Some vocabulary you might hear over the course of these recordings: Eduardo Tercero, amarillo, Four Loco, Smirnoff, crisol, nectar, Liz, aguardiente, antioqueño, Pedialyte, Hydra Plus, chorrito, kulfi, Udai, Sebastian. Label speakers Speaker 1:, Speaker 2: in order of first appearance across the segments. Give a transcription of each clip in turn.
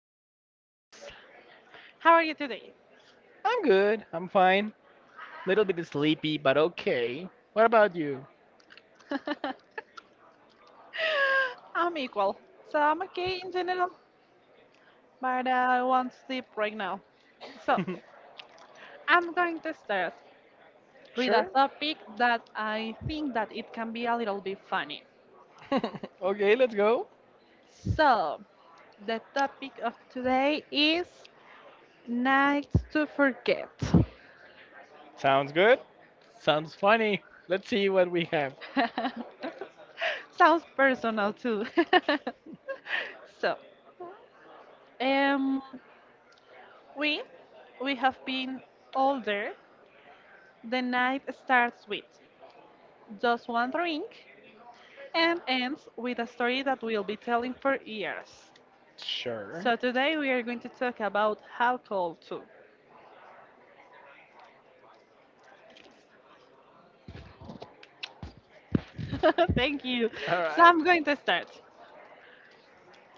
Speaker 1: dear Liz.
Speaker 2: How are you today?
Speaker 1: I'm good. I'm fine. Little bit sleepy, but okay. What about you?
Speaker 2: I'm equal, so I'm okay in general, but I want sleep right now. So I'm going to start with a
Speaker 1: sure.
Speaker 2: topic that I think that it can be a little bit funny.
Speaker 1: okay, let's go.
Speaker 2: So the topic of today is nights to forget.
Speaker 1: Sounds good. Sounds funny. Let's see what we have.
Speaker 2: Sounds personal too. So, um, We, we have been older. The night starts with just one drink and ends with a story that we'll be telling for years.
Speaker 1: Sure.
Speaker 2: So today we are going to talk about alcohol too. Thank you.
Speaker 1: All
Speaker 2: So
Speaker 1: right.
Speaker 2: I'm going to start.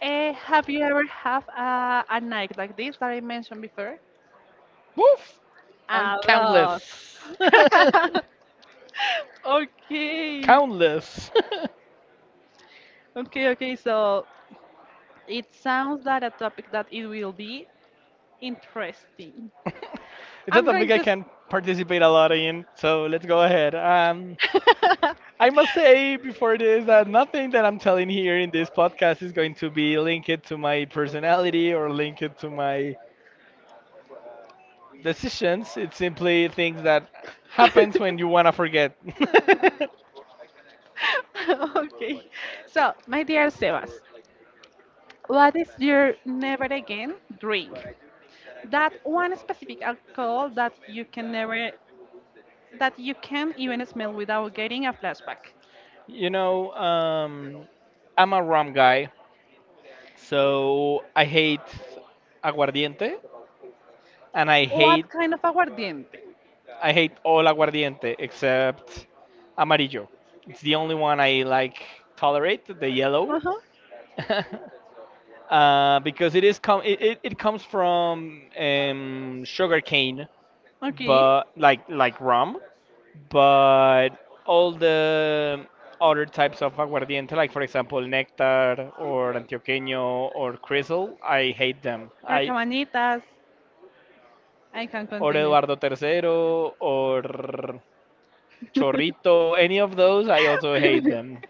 Speaker 2: Have you ever had a night like this that I mentioned before?
Speaker 1: Woof. I'm
Speaker 2: A lot.
Speaker 1: countless.
Speaker 2: okay.
Speaker 1: countless.
Speaker 2: Okay, okay. So it sounds that a topic that it will be interesting.
Speaker 1: it's not
Speaker 2: I'm
Speaker 1: a
Speaker 2: going
Speaker 1: topic I
Speaker 2: to.
Speaker 1: can participate a lot in. So let's go ahead.
Speaker 2: s-
Speaker 1: I must say before this that nothing that I'm telling here in this podcast is going to be linked to my personality or linked to my decisions. It's simply things that happens when you wanna forget.
Speaker 2: okay. So, my dear Sebas, what is your never again drink? That one specific alcohol that you can never, that you can even smell without getting a flashback.
Speaker 1: you know, um, I'm a rum guy, so I hate aguardiente and
Speaker 2: What kind of aguardiente?
Speaker 1: I hate all aguardiente except amarillo. It's the only one I like tolerate, the
Speaker 2: Uh
Speaker 1: yellow.
Speaker 2: huh.
Speaker 1: Because it is com- it comes from sugar cane,
Speaker 2: Okay.
Speaker 1: but like rum, but all the other types of aguardiente, like for example nectar or antioqueño or crisol, I hate them.
Speaker 2: Or
Speaker 1: I
Speaker 2: cabanitas. I can
Speaker 1: or
Speaker 2: continue.
Speaker 1: Eduardo Tercero or chorrito, any of those, I also hate them.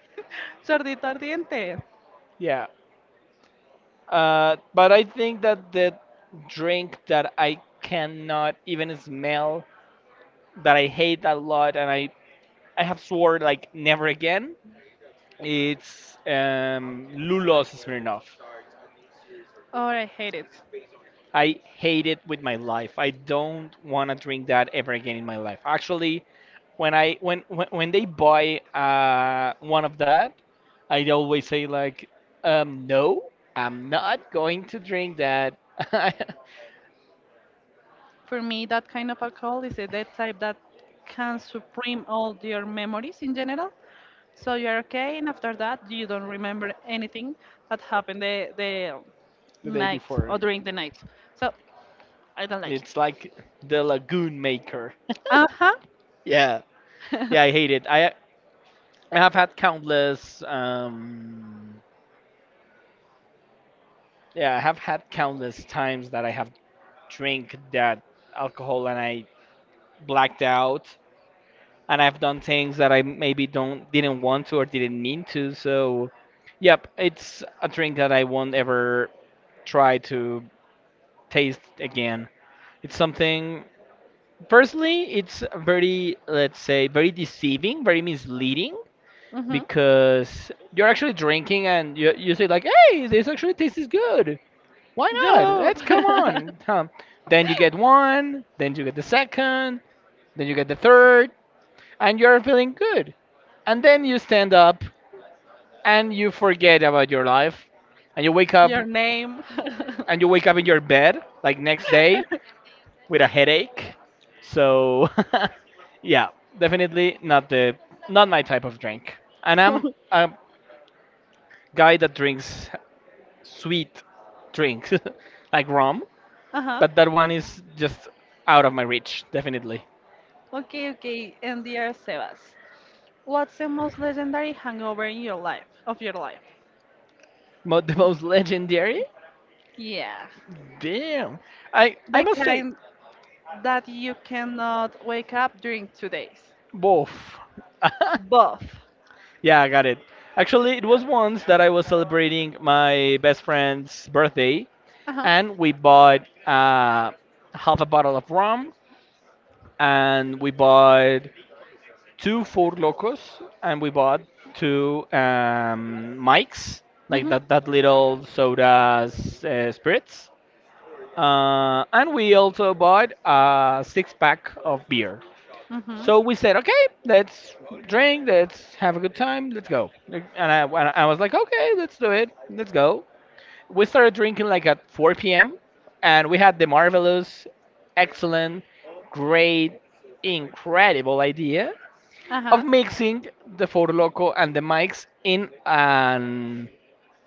Speaker 2: Sordito ardiente.
Speaker 1: Yeah, but I think that the drink that I cannot even smell that I hate a lot, and I have sworn like never again. It's Lulos Smirnoff.
Speaker 2: Oh, I hate it.
Speaker 1: I hate it with my life. I don't want to drink that ever again in my life. Actually, when I when they buy one of that, I always say like, no, I'm not going to drink that.
Speaker 2: For me, that kind of alcohol is a that type that can supreme all your memories in general. So you're okay, and after that, you don't remember anything that happened the
Speaker 1: the day
Speaker 2: night
Speaker 1: before,
Speaker 2: or during the night. So I don't like it.
Speaker 1: it's like the lagoon maker.
Speaker 2: Uh huh.
Speaker 1: Yeah, yeah, I hate it. I have had countless, yeah, I have had countless times that I have drank that alcohol and I blacked out, and I've done things that I maybe don't didn't want to or didn't mean to. So, yep, it's a drink that I won't ever try to taste again. It's something. Personally, it's very, let's say, very deceiving, very misleading
Speaker 2: mhm.
Speaker 1: because you're actually drinking and you say like, "Hey, this actually tastes good." Why not?
Speaker 2: Yo.
Speaker 1: Let's come on. Huh. Then you get one, then you get the second, then you get the third, and you're feeling good. And then you stand up and you forget about your life, and you wake up
Speaker 2: Your name.
Speaker 1: and you wake up in your bed like next day with a headache. So, yeah, definitely not my type of drink. And I'm a guy that drinks sweet drinks like rum.
Speaker 2: uh-huh.
Speaker 1: But that one is just out of my reach, definitely.
Speaker 2: Okay, okay. And dear Sebas, what's the most legendary hangover in your life, of your life?
Speaker 1: The most legendary?
Speaker 2: Yeah.
Speaker 1: Damn. I
Speaker 2: The
Speaker 1: must say
Speaker 2: kind that you cannot wake up during 2 days.
Speaker 1: both.
Speaker 2: Both.
Speaker 1: yeah, I got it. Actually, it was once that I was celebrating my best friend's birthday,
Speaker 2: Uh-huh.
Speaker 1: and we bought half a bottle of rum, and we bought two four locos, and we bought two mics, like
Speaker 2: Mm-hmm.
Speaker 1: that little sodas spirits. And we also bought a six pack of beer.
Speaker 2: Mm-hmm.
Speaker 1: So we said, okay, let's drink, let's have a good time, let's go. And I was like, okay, let's do it, let's go. We started drinking like at 4 p.m. and we had the marvelous, excellent, great, incredible idea
Speaker 2: Uh-huh.
Speaker 1: of mixing the Four Loco and the mics in an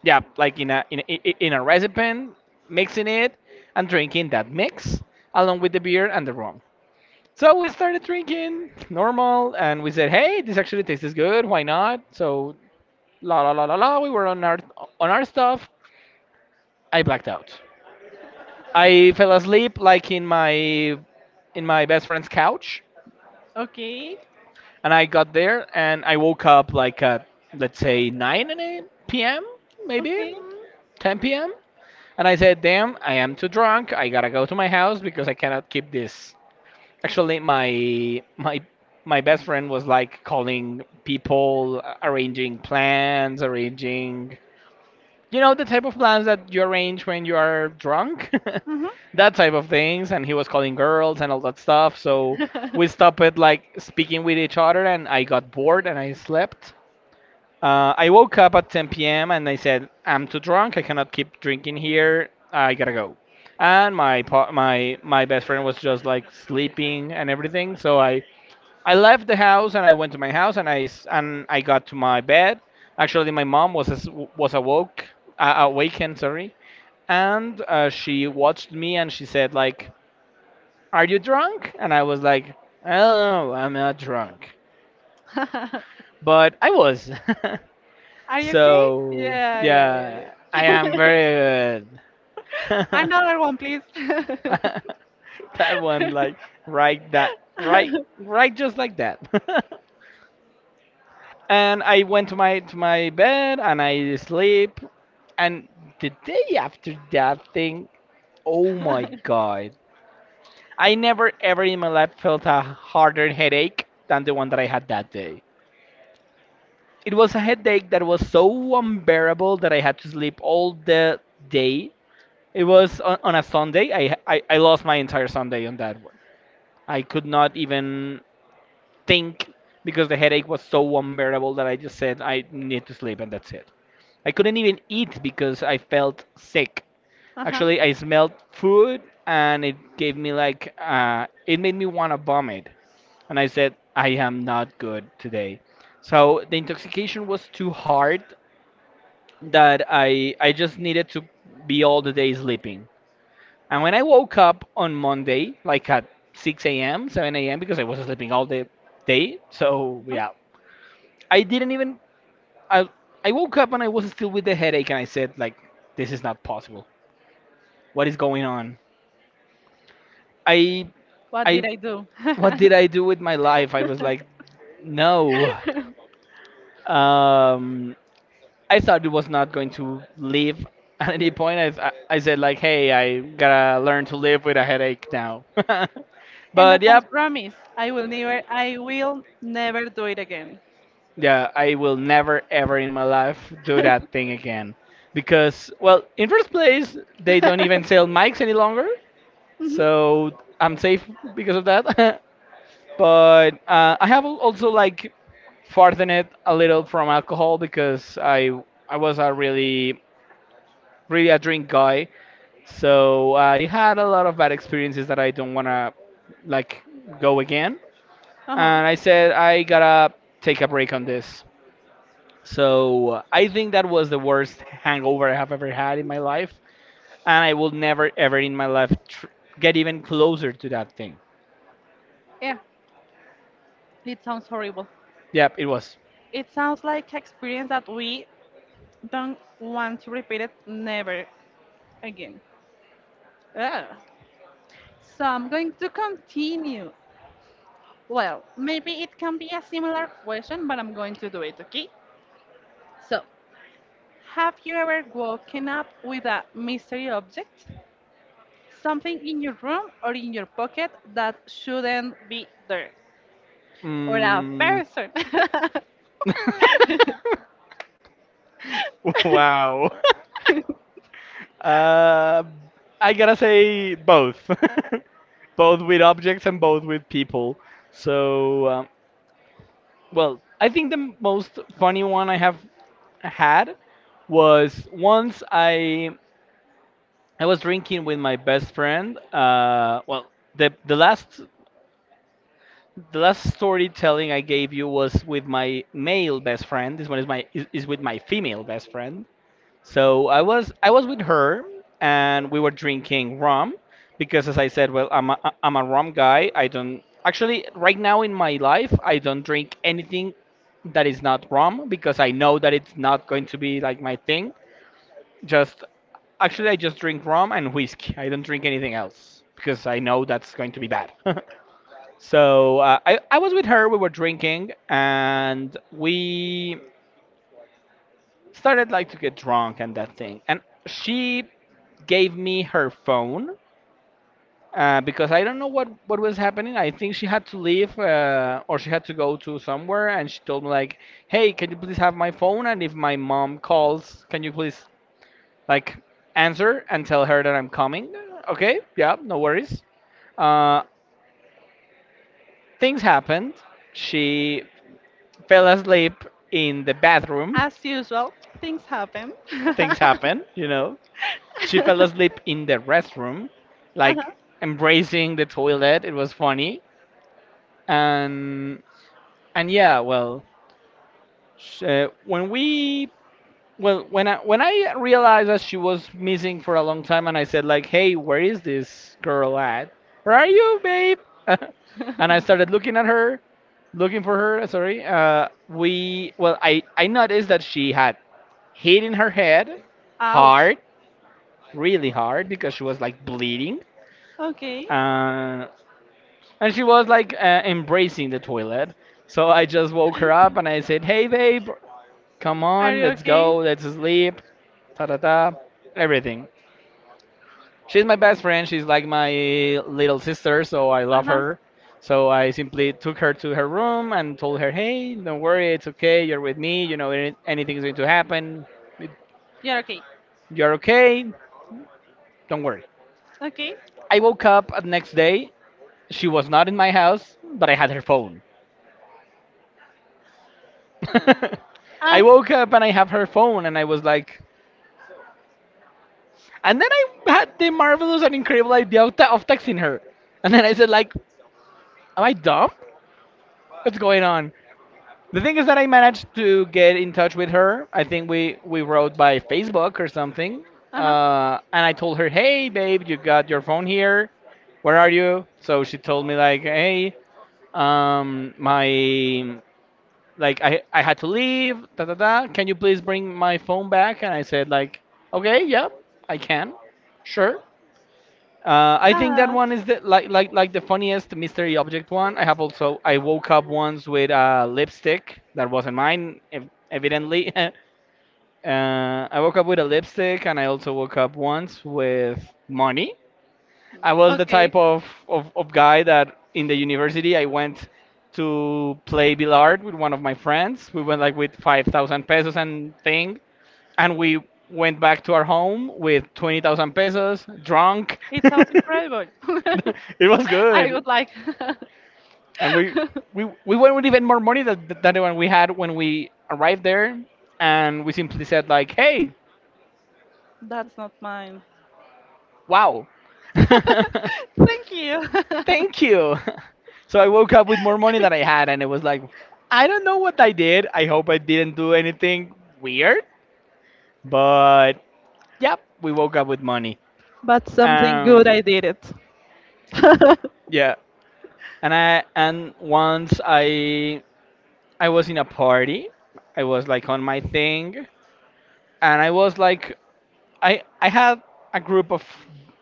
Speaker 1: yeah, like in a recipe, mixing it and drinking that mix along with the beer and the rum. So we started drinking normal, and we said, "Hey, this actually tastes good. Why not?" So la la la la la. We were on our stuff. I blacked out. I fell asleep like in my best friend's couch,
Speaker 2: Okay.
Speaker 1: and I got there and I woke up like at let's say 9 a.m. p.m. maybe
Speaker 2: Okay.
Speaker 1: 10 p.m. And I said, damn, I am too drunk. I gotta go to my house because I cannot keep this. Actually, my best friend was like calling people, arranging plans, arranging, you know, the type of plans that you arrange when you are drunk,
Speaker 2: Mm-hmm.
Speaker 1: that type of things. And he was calling girls and all that stuff. So we stopped it like speaking with each other, and I got bored and I slept. I woke up at 10 p.m. and I said, I'm too drunk. I cannot keep drinking here. I gotta go. And my pa- my best friend was just like sleeping and everything. So I left the house and I went to my house and I got to my bed. Actually, my mom was was awoke awakened. Sorry, and she watched me and she said like, "Are you drunk?" And I was like, "I don't know. I'm not drunk, but I was."
Speaker 2: Are you okay?
Speaker 1: So
Speaker 2: Yeah, yeah, yeah,
Speaker 1: yeah,
Speaker 2: yeah.
Speaker 1: I am very good.
Speaker 2: Another one, please.
Speaker 1: that one,
Speaker 2: uh-huh.
Speaker 1: like right that just like that. and I went to my bed and I sleep. And the day after that thing, oh my god, I never ever in my life felt a harder headache than the one that I had that day. It was a headache that was so unbearable that I had to sleep all the day. It was on a Sunday. I lost my entire Sunday on that one. I could not even think because the headache was so unbearable that I just said I need to sleep and that's it. I couldn't even eat because I felt sick.
Speaker 2: Uh-huh.
Speaker 1: Actually, I smelled food and it gave me like it made me want to vomit. And I said I am not good today. So the intoxication was too hard that I just needed to be all the day sleeping. And when I woke up on Monday, like at 6 a.m., 7 a.m., because I was sleeping all the day, so yeah, I didn't even. I, I woke up and I was still with the headache, and I said, like, this is not possible. What is going on? I.
Speaker 2: What did
Speaker 1: I.
Speaker 2: I do?
Speaker 1: What did I do with my life? I was like, no. Um, I thought it was not going to leave at any point. I said, like, hey, I gotta learn to live with a headache now.
Speaker 2: And the
Speaker 1: But yeah,
Speaker 2: false promise. I will never do it again.
Speaker 1: yeah, I will never ever in my life do that thing again. Because, well, in first place, they don't
Speaker 2: uh-huh.
Speaker 1: even sell mics any longer. So I'm safe because of that. but I have also like farthen it a little from alcohol because I was a really a drink guy. So I had a lot of bad experiences that I don't want to like go again. And I said I got to take a break on this. So I think that was the worst hangover I have ever had in my life, and I will never ever in my life get even closer to that thing.
Speaker 2: Yeah. It sounds horrible.
Speaker 1: Yep, it was.
Speaker 2: It sounds like experience that we don't want to repeat it never again. Ugh. So I'm going to continue. Well, maybe it can be a similar question, but I'm going to do it, okay? So, have you ever woken up with a mystery object? Something in your room or in your pocket that shouldn't be there? Or a
Speaker 1: Mm.
Speaker 2: person?
Speaker 1: wow. Uh, I gotta say both, both with objects and both with people. So well, I think the most funny one I have had was once I was drinking with my best friend. Well, the the last the last storytelling I gave you was with my male best friend. This one is is with my female best friend. So I was with her and we were drinking rum because as I said, well, I'm a rum guy. I don't actually right now in my life I don't drink anything that is not rum because I know that it's not going to be like my thing. Just actually, I just drink rum and whiskey. I don't drink anything else because I know that's going to be bad. so I was with her. We were drinking and we started like to get drunk and that thing. And she gave me her phone because I don't know what was happening. I think she had to leave or she had to go to somewhere, and she told me like, "Hey, can you please have my phone? And if my mom calls, can you please like answer and tell her that I'm coming. Okay, yeah, no worries. Uh, things happened. She fell asleep in the bathroom.
Speaker 2: As usual, things happen.
Speaker 1: Things happen, you know. She fell asleep in the restroom,
Speaker 2: Uh-huh.
Speaker 1: like embracing the toilet. It was funny, and and yeah, well, sh- when we Well, when I realized that she was missing for a long time, and I said like, "Hey, where is this girl at? Where are you, babe?" and I started looking at her, looking for her. Sorry. We well, I noticed that she had hit in her head,
Speaker 2: Ouch.
Speaker 1: hard, really hard, because she was like bleeding,
Speaker 2: Okay.
Speaker 1: uh, and she was like embracing the toilet. So I just woke her up and I said, "Hey, babe, come
Speaker 2: Are
Speaker 1: on,
Speaker 2: you
Speaker 1: let's
Speaker 2: okay?
Speaker 1: go, let's sleep. Ta ta ta. Everything." She's my best friend. She's like my little sister, so I
Speaker 2: Uh
Speaker 1: love
Speaker 2: huh.
Speaker 1: her. So I simply took her to her room and told her, "Hey, don't worry, it's okay. You're with me. Anything's going to happen. It-
Speaker 2: You're okay.
Speaker 1: You're okay. Don't worry."
Speaker 2: Okay.
Speaker 1: I woke up the next day. She was not in my house, but I had her phone.
Speaker 2: Ah.
Speaker 1: I woke up and I have her phone, and I was like, and then I had the marvelous and incredible idea of, of texting her. And then I said, like, am I dumb? What's going on? The thing is that I managed to get in touch with her. I think we wrote by Facebook or something.
Speaker 2: Uh huh.
Speaker 1: And I told her, hey, babe, you got your phone here. Where are you? So she told me, like, hey, my, like, I had to leave, da da da. Can you please bring my phone back? And I said, like, okay, yeah, I can. Sure. I think that
Speaker 2: That.
Speaker 1: one is the like the funniest mystery object one. I have also I woke up once with a lipstick that wasn't mine, evidently. I woke up with a lipstick, and I also woke up once with money. I was the
Speaker 2: Okay.
Speaker 1: type of guy that in the university I went to play billard with one of my friends. We went like with 5,000 pesos and thing, and we went back to our home with 20,000 pesos, drunk.
Speaker 2: It sounds incredible.
Speaker 1: It was
Speaker 2: I
Speaker 1: good,
Speaker 2: would like.
Speaker 1: and we went with even more money than the one we had when we arrived there, and we simply said like, "Hey,
Speaker 2: That's not mine.
Speaker 1: wow,
Speaker 2: Thank you.
Speaker 1: thank you." So I woke up with more money than I had, and it was like, I don't know what I did. I hope I didn't do anything weird, but yep, we woke up with money.
Speaker 2: But something
Speaker 1: Um,
Speaker 2: good I did it. uh
Speaker 1: yeah, and once I was in a party. I was like on my thing, and I was like, I had a group of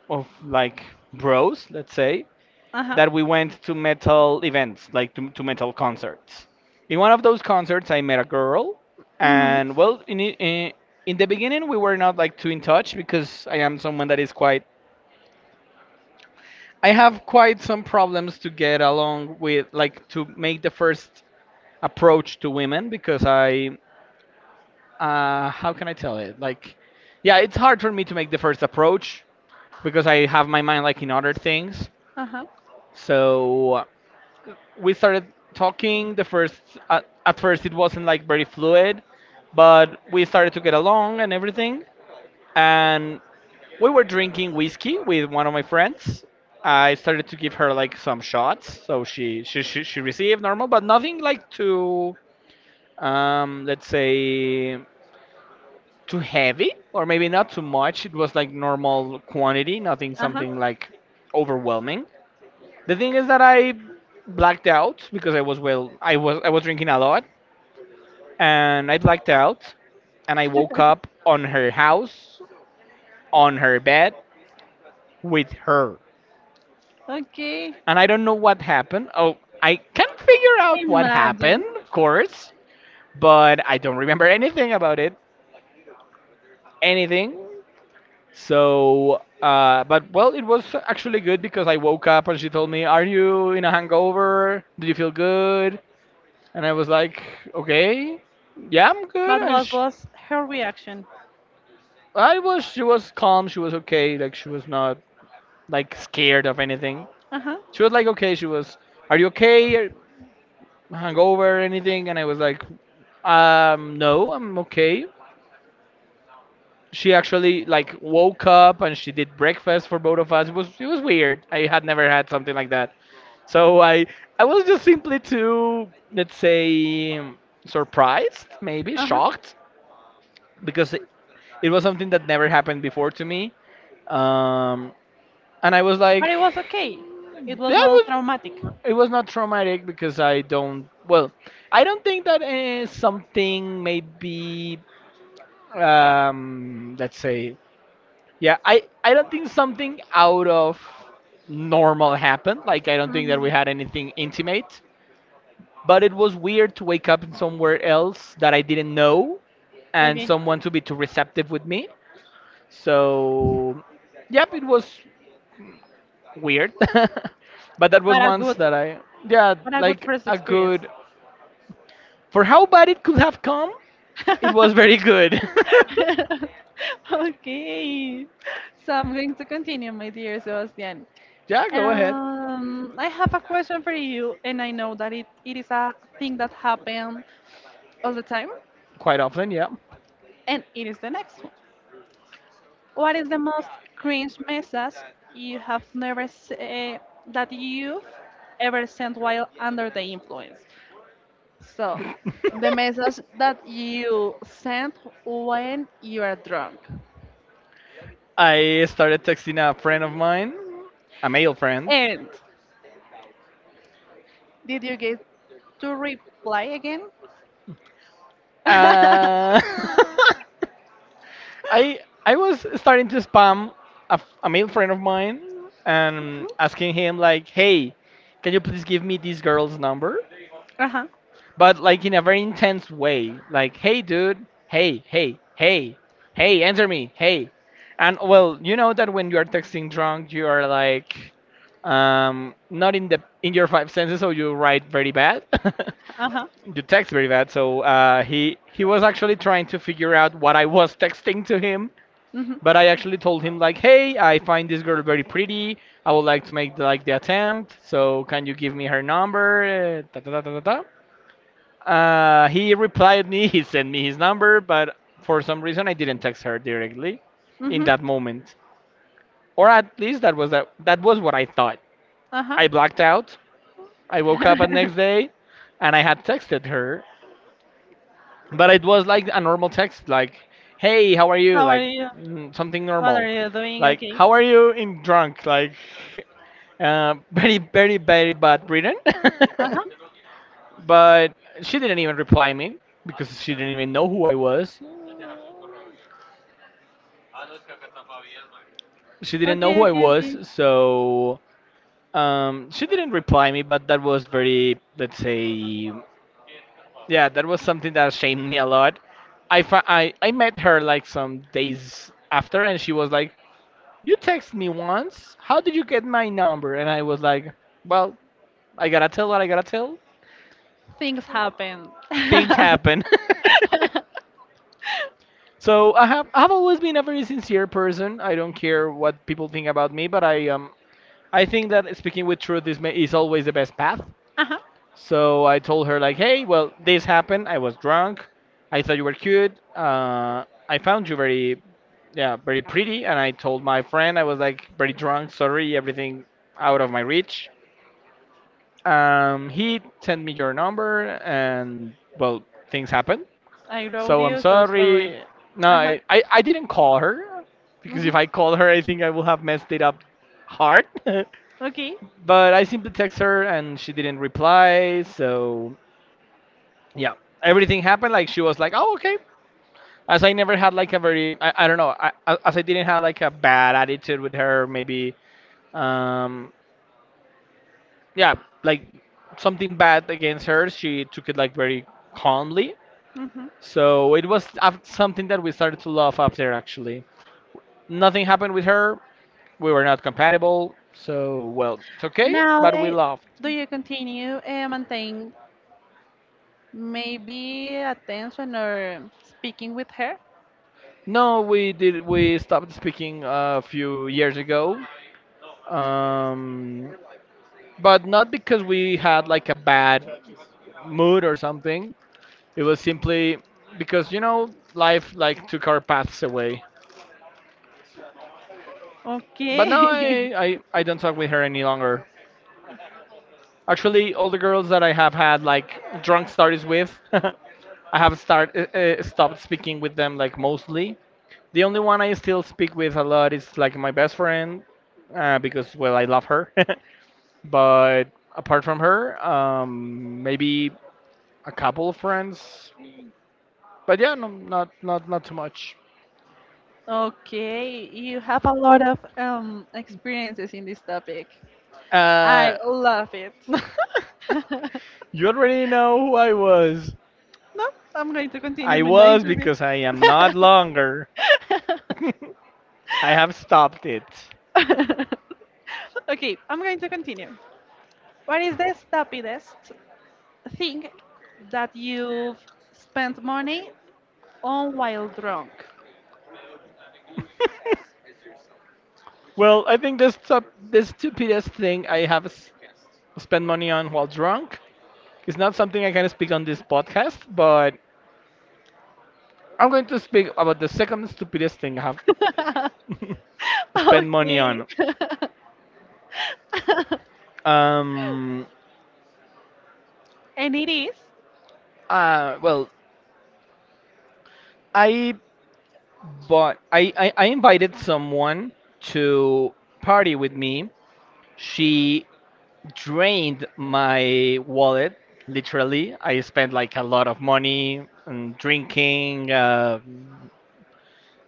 Speaker 1: like bros, let's say,
Speaker 2: huh.
Speaker 1: that we went to metal events, like to metal concerts. In one of those concerts, I met a girl,
Speaker 2: Mm-hmm.
Speaker 1: and well, in the beginning, we were not like too in touch because I am someone that is quite. I have quite some problems to get along with, like to make the first approach to women because I how can I tell it? Like, yeah, it's hard for me to make the first approach because I have my mind like in other things.
Speaker 2: Uh-huh.
Speaker 1: So we started talking. The first at first it wasn't like very fluid, but we started to get along and everything. And we were drinking whiskey with one of my friends. I started to give her like some shots, so she received normal, but nothing like too let's say too heavy or maybe not too much. It was like normal quantity, nothing
Speaker 2: Uh-huh.
Speaker 1: something like overwhelming. The thing is that I blacked out because I was well I was drinking a lot and I blacked out and I woke up on her house on her bed with her.
Speaker 2: Okay.
Speaker 1: And I don't know what happened. Oh, I can figure out what
Speaker 2: Imagine.
Speaker 1: happened, of course, but I don't remember anything about it. Anything. So, but well, it was actually good because I woke up and she told me, "Are you in a hangover? Do you feel good?" And I was like, "Okay, yeah, I'm good."
Speaker 2: But
Speaker 1: And
Speaker 2: what
Speaker 1: she,
Speaker 2: was her reaction?
Speaker 1: I was, she was calm. She was okay. Like she was not like scared of anything.
Speaker 2: Uh-huh.
Speaker 1: She was like, "Okay." She was, "Are you okay? Are- Hangover? Anything?" And I was like, No, I'm okay." She actually like woke up and she did breakfast for both of us. It was weird. I had never had something like that. So I was just simply too let's say surprised, maybe
Speaker 2: Uh-huh.
Speaker 1: shocked because it was something that never happened before to me. Um, and I was
Speaker 2: But
Speaker 1: like
Speaker 2: it was okay.
Speaker 1: yeah,
Speaker 2: It was not traumatic.
Speaker 1: it was not traumatic because I don't well, I don't think that something maybe let's say yeah, I don't think something out of normal happened. Like, I don't think that
Speaker 2: Mm-hmm.
Speaker 1: we had anything intimate. But it was weird to wake up in somewhere else that I didn't know and
Speaker 2: Okay.
Speaker 1: someone to be too receptive with me. So, yep, it was weird. But that was
Speaker 2: But a
Speaker 1: once
Speaker 2: good,
Speaker 1: that I, yeah,
Speaker 2: but a good
Speaker 1: like
Speaker 2: first
Speaker 1: a
Speaker 2: experience.
Speaker 1: good, for how bad it could have come, it was very good.
Speaker 2: Okay, so I'm going to continue, my dear Sebastian.
Speaker 1: Yeah, go ahead.
Speaker 2: I have a question for you, and I know that it is a thing that happens all the time,
Speaker 1: Quite often, yeah.
Speaker 2: and it is the next one. What is the most cringe message you have never that you've ever sent while under the influence? So, the message that you sent when you are drunk.
Speaker 1: I started texting a friend of mine, a male friend.
Speaker 2: End. Did you get to reply again?
Speaker 1: Uh, I was starting to spam a male friend of mine and asking him like, "Hey, can you please give me this girl's number?"
Speaker 2: Uh-huh.
Speaker 1: But like in a very intense way, like, "Hey, dude, hey, hey, hey, hey, answer me, hey." And well, you know that when you are texting drunk, you are like not in the in your five senses, so you write very bad.
Speaker 2: Uh-huh.
Speaker 1: You text very bad. So he was actually trying to figure out what I was texting to him,
Speaker 2: Mm-hmm.
Speaker 1: but I actually told him like, "Hey, I find this girl very pretty. I would like to make the, like the attempt. So can you give me her number?" Da, da, da, da, da, da. He replied me. He sent me his number, but for some reason I didn't text her directly in
Speaker 2: Mm-hmm.
Speaker 1: that moment, or at least that was that was what I thought.
Speaker 2: Uh-huh.
Speaker 1: I blacked out. I woke up the next day, and I had texted her, but it was like a normal text, like hey how are you,
Speaker 2: How are
Speaker 1: like
Speaker 2: you?
Speaker 1: something
Speaker 2: What
Speaker 1: normal,
Speaker 2: are you doing?
Speaker 1: like
Speaker 2: Okay.
Speaker 1: how are you in drunk, like very bad written.
Speaker 2: Uh-huh.
Speaker 1: But she didn't even reply me because she didn't even know who I was. She didn't know
Speaker 2: Okay,
Speaker 1: who I
Speaker 2: okay,
Speaker 1: was.
Speaker 2: okay.
Speaker 1: So she didn't reply me, but that was very let's say yeah that was something that shamed me a lot. I, fi- I met her like some days after, and she was like, you texted me once. How did you get my number? And I was like, well, I gotta tell what I gotta tell.
Speaker 2: Things happen.
Speaker 1: Things happen. So I have I've always been a very sincere person. I don't care what people think about me, but I think that speaking with truth is always the best path.
Speaker 2: Uh-huh.
Speaker 1: So I told her like, hey, well, this happened. I was drunk. I thought you were cute. I found you very, yeah, very pretty. And I told my friend I was like very drunk. Sorry, everything out of my reach. He sent me your number, and well, things happened.
Speaker 2: I wrote
Speaker 1: So I'm
Speaker 2: you, so sorry.
Speaker 1: sorry. No,
Speaker 2: Uh-huh.
Speaker 1: I didn't call her because
Speaker 2: Mm-hmm.
Speaker 1: if I called her, I think I will have messed it up hard.
Speaker 2: Okay.
Speaker 1: But I simply text her, and she didn't reply. So yeah, everything happened. Like she was like, "Oh, okay." As I never had like a very, I don't know, as I didn't have like a bad attitude with her, maybe um, yeah, like something bad against her, she took it like very calmly.
Speaker 2: Mm-hmm.
Speaker 1: So it was something that we started to love after actually. Nothing happened with her. We were not compatible. So well, it's okay,
Speaker 2: Now,
Speaker 1: but we
Speaker 2: they,
Speaker 1: loved.
Speaker 2: do you continue maintain maybe attention or speaking with her?
Speaker 1: No, we did. We stopped speaking a few years ago. Um, but not because we had like a bad mood or something. It was simply because you know life like took our paths away. But now
Speaker 2: Okay.
Speaker 1: I don't talk with her any longer. Actually, all the girls that I have had like drunk stories with, I have start stopped speaking with them, like mostly. The only one I still speak with a lot is like my best friend, because well I love her. But apart from her, maybe a couple of friends. But yeah, no, not too much.
Speaker 2: Okay, you have a lot of experiences in this topic. I
Speaker 1: Uh,
Speaker 2: love it. No,
Speaker 1: you already know who I was.
Speaker 2: I'm going to continue
Speaker 1: I
Speaker 2: with the
Speaker 1: was
Speaker 2: interview.
Speaker 1: because I am not longer. I have stopped it.
Speaker 2: Okay, I'm going to continue. What is the stupidest thing that you've spent money on while drunk?
Speaker 1: Well, I think the, the stupidest thing I have spent money on while drunk is not something I can speak on this podcast, but I'm going to speak about the second stupidest thing I have spent money
Speaker 2: Okay.
Speaker 1: on. Um,
Speaker 2: And it is.
Speaker 1: well, I bought, I invited someone to party with me. She drained my wallet. Literally, I spent like a lot of money and drinking, uh,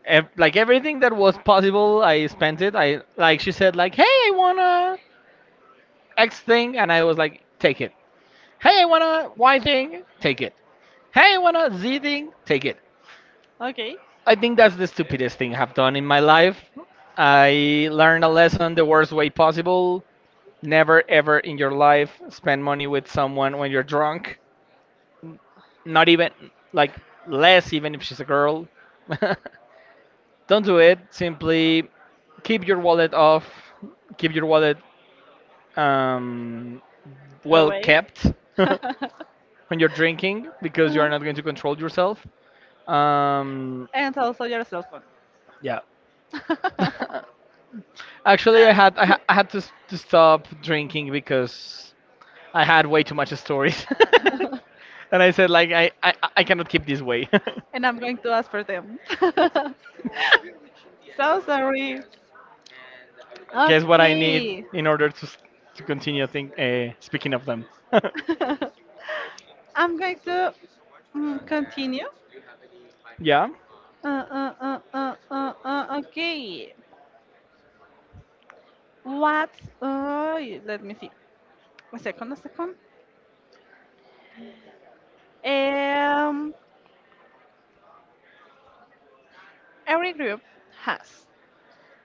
Speaker 1: ev- like everything that was possible. I spent it. I she said like, hey, I wanna X thing, and I was like, take it. Hey, I wanna Y thing, take it. Hey, I wanna Z thing, take it.
Speaker 2: Okay.
Speaker 1: I think that's the stupidest thing I've done in my life. I learned a lesson the worst way possible. Never ever in your life spend money with someone when you're drunk. Not even like less even if she's a girl. Don't do it, simply keep your wallet off, keep your wallet, um, well
Speaker 2: Away.
Speaker 1: kept. When you're drinking, because you
Speaker 2: Uh-huh.
Speaker 1: are not going to control yourself. um,
Speaker 2: And also your cell phone.
Speaker 1: yeah. Actually, I had to, to stop drinking because I had way too much stories. And I said like, I cannot keep this way.
Speaker 2: And I'm going to ask for them. So sorry.
Speaker 1: Guess what I need
Speaker 2: Okay.
Speaker 1: in order to to continue speaking of them.
Speaker 2: I'm going to continue.
Speaker 1: Yeah,
Speaker 2: Okay. What? Uh, Let me see. A second, a second. Um, every group has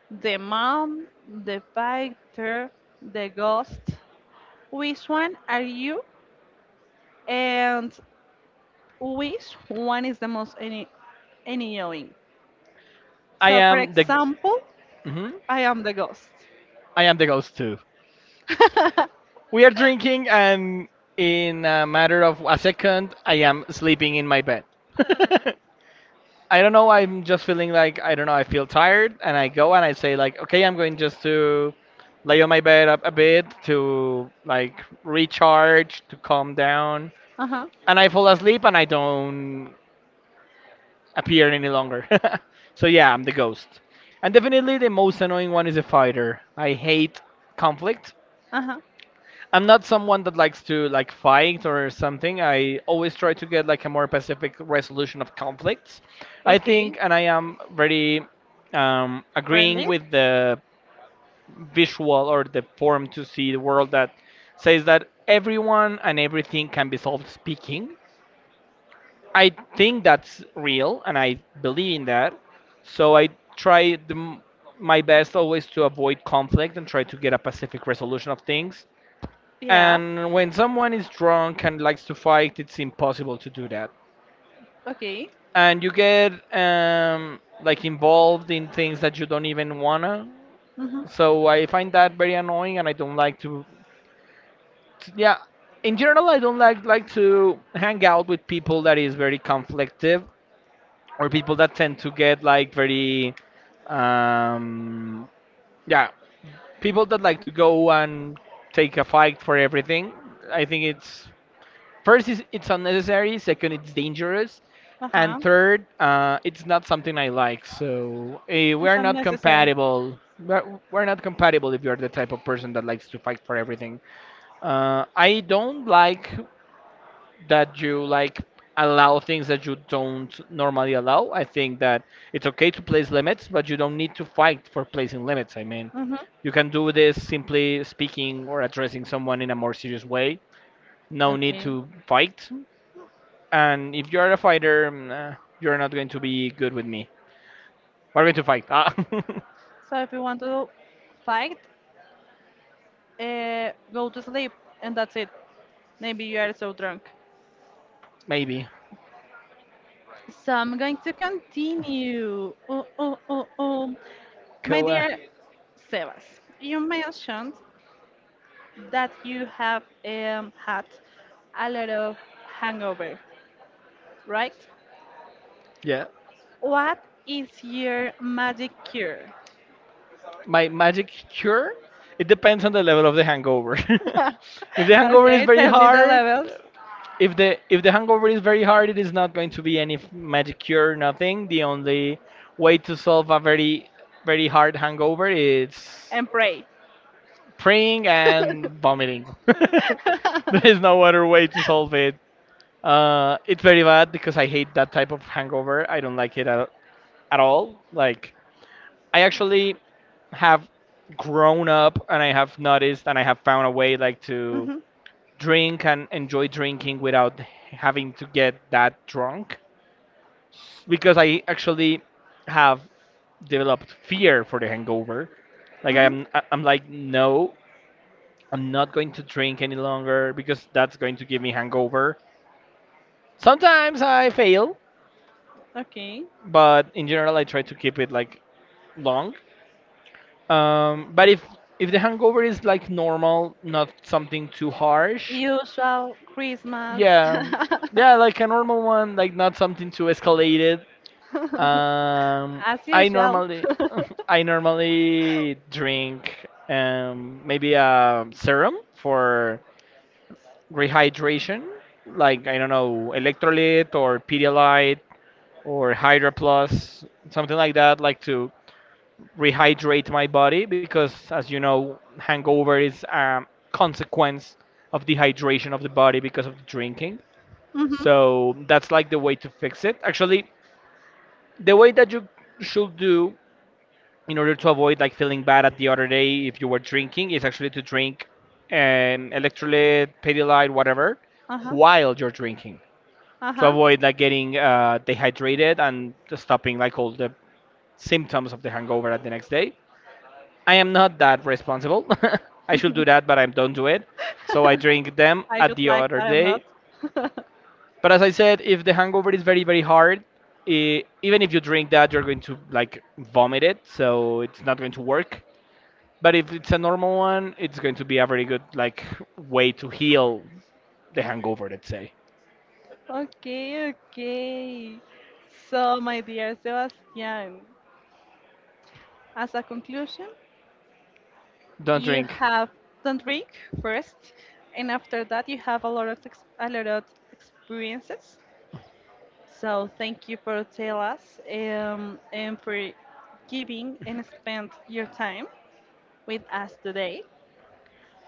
Speaker 2: the mom, the fighter, the ghost. Which one are you? And which one is the most any annoying?
Speaker 1: I
Speaker 2: So, for
Speaker 1: am the.
Speaker 2: example,
Speaker 1: Mhm.
Speaker 2: I am the ghost.
Speaker 1: I am the ghost too.
Speaker 2: uh
Speaker 1: We are drinking, and in a matter of a second, I am sleeping in my bed. I don't know. I'm just feeling like I don't know. I feel tired, and I go and I say like, okay, I'm going just to lay on my bed up a bit to like recharge, to calm down,
Speaker 2: huh.
Speaker 1: and I fall asleep, and I don't appear any longer. So yeah, I'm the ghost. And definitely the most annoying one is a fighter. I hate conflict.
Speaker 2: Uh huh.
Speaker 1: I'm not someone that likes to like fight or something. I always try to get like a more pacific resolution of conflicts. I
Speaker 2: Okay.
Speaker 1: think, and I am very agreeing
Speaker 2: Friendly.
Speaker 1: with the visual or the form to see the world that says that everyone and everything can be solved speaking. I think that's real, and I believe in that. So I try my best always to avoid conflict and try to get a pacific resolution of things.
Speaker 2: Yeah.
Speaker 1: And when someone is drunk and likes to fight, it's impossible to do that.
Speaker 2: Okay.
Speaker 1: And you get like involved in things that you don't even wanna.
Speaker 2: Mm-hmm.
Speaker 1: So I find that very annoying, and I don't like to. Yeah, in general, I don't like to hang out with people that is very conflictive, or people that tend to get like very, um yeah, people that like to go and take a fight for everything. I think it's, first is it's unnecessary, second it's dangerous,
Speaker 2: Uh huh.
Speaker 1: and third it's not something I like. So
Speaker 2: It's
Speaker 1: we're not
Speaker 2: unnecessary.
Speaker 1: compatible. We're not compatible if you're the type of person that likes to fight for everything. I don't like that you like allow things that you don't normally allow. I think that it's okay to place limits, but you don't need to fight for placing limits. I mean,
Speaker 2: Mm-hmm.
Speaker 1: you can do this simply speaking or addressing someone in a more serious way. No need
Speaker 2: Okay.
Speaker 1: to fight. And if you're a fighter, you're not going to be good with me. We're going to fight. Ah,
Speaker 2: So if you want to fight, go to sleep, and that's it. Maybe you are so drunk.
Speaker 1: maybe.
Speaker 2: So I'm going to continue. Oh, oh, oh, oh. My
Speaker 1: Co- uh,
Speaker 2: dear Sebas, you mentioned that you have had a lot of hangover, right?
Speaker 1: yeah.
Speaker 2: What is your magic cure?
Speaker 1: My magic cure? It depends on the level of the hangover. If the hangover is
Speaker 2: Okay,
Speaker 1: very
Speaker 2: tell me the
Speaker 1: hard,
Speaker 2: levels
Speaker 1: if the hangover is very hard, it is not going to be any magic cure, nothing. The only way to solve a very very hard hangover is
Speaker 2: and pray.
Speaker 1: praying and vomiting. There is no other way to solve it. It's very bad because I hate that type of hangover. I don't like it at all. Like I actually have grown up and I have noticed and I have found a way like to
Speaker 2: Mhm,
Speaker 1: drink and enjoy drinking without having to get that drunk, because I actually have developed fear for the hangover. Like
Speaker 2: mhm.
Speaker 1: I'm like, no, I'm not going to drink any longer because that's going to give me hangover. Sometimes I fail,
Speaker 2: Okay.
Speaker 1: but in general I try to keep it like long. But if the hangover is like normal, not something too harsh,
Speaker 2: Usual Christmas.
Speaker 1: yeah, yeah, like a normal one, like not something too escalated. Um,
Speaker 2: As
Speaker 1: I
Speaker 2: usual.
Speaker 1: normally I normally drink maybe a serum for rehydration, like I don't know, electrolyte or Pedialyte or Hydra Plus, something like that, like to rehydrate my body because, as you know, hangover is a consequence of dehydration of the body because of the drinking.
Speaker 2: Mm-hmm.
Speaker 1: So that's like the way to fix it. Actually, the way that you should do in order to avoid like feeling bad at the other day if you were drinking is actually to drink electrolyte, pedialyte, whatever,
Speaker 2: Uh-huh.
Speaker 1: while you're drinking, to
Speaker 2: Uh-huh.
Speaker 1: avoid like getting dehydrated and just stopping like all the symptoms of the hangover at the next day. I am not that responsible. I should do that, but I don't do it. So I drink them
Speaker 2: I
Speaker 1: at
Speaker 2: could
Speaker 1: the
Speaker 2: like,
Speaker 1: other
Speaker 2: but I'm not.
Speaker 1: day. But as I said, if the hangover is very very hard, even if you drink that, you're going to like vomit it, so it's not going to work. But if it's a normal one, it's going to be a very good like way to heal the hangover, let's say.
Speaker 2: Okay, okay. So, my dear Sebastian, as a conclusion,
Speaker 1: Don't
Speaker 2: you
Speaker 1: drink.
Speaker 2: have don't drink first, and after that, you have a lot of ex a lot of experiences. So, thank you for tell us and for giving and spend your time with us today.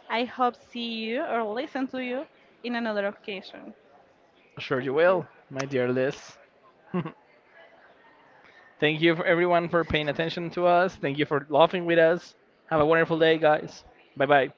Speaker 2: I hope see you or listen to you in another occasion.
Speaker 1: Sure you
Speaker 2: Thank you.
Speaker 1: will, my dear Liz. Thank you for everyone for paying attention to us. Thank you for laughing with us. Have a wonderful day, guys. Bye bye.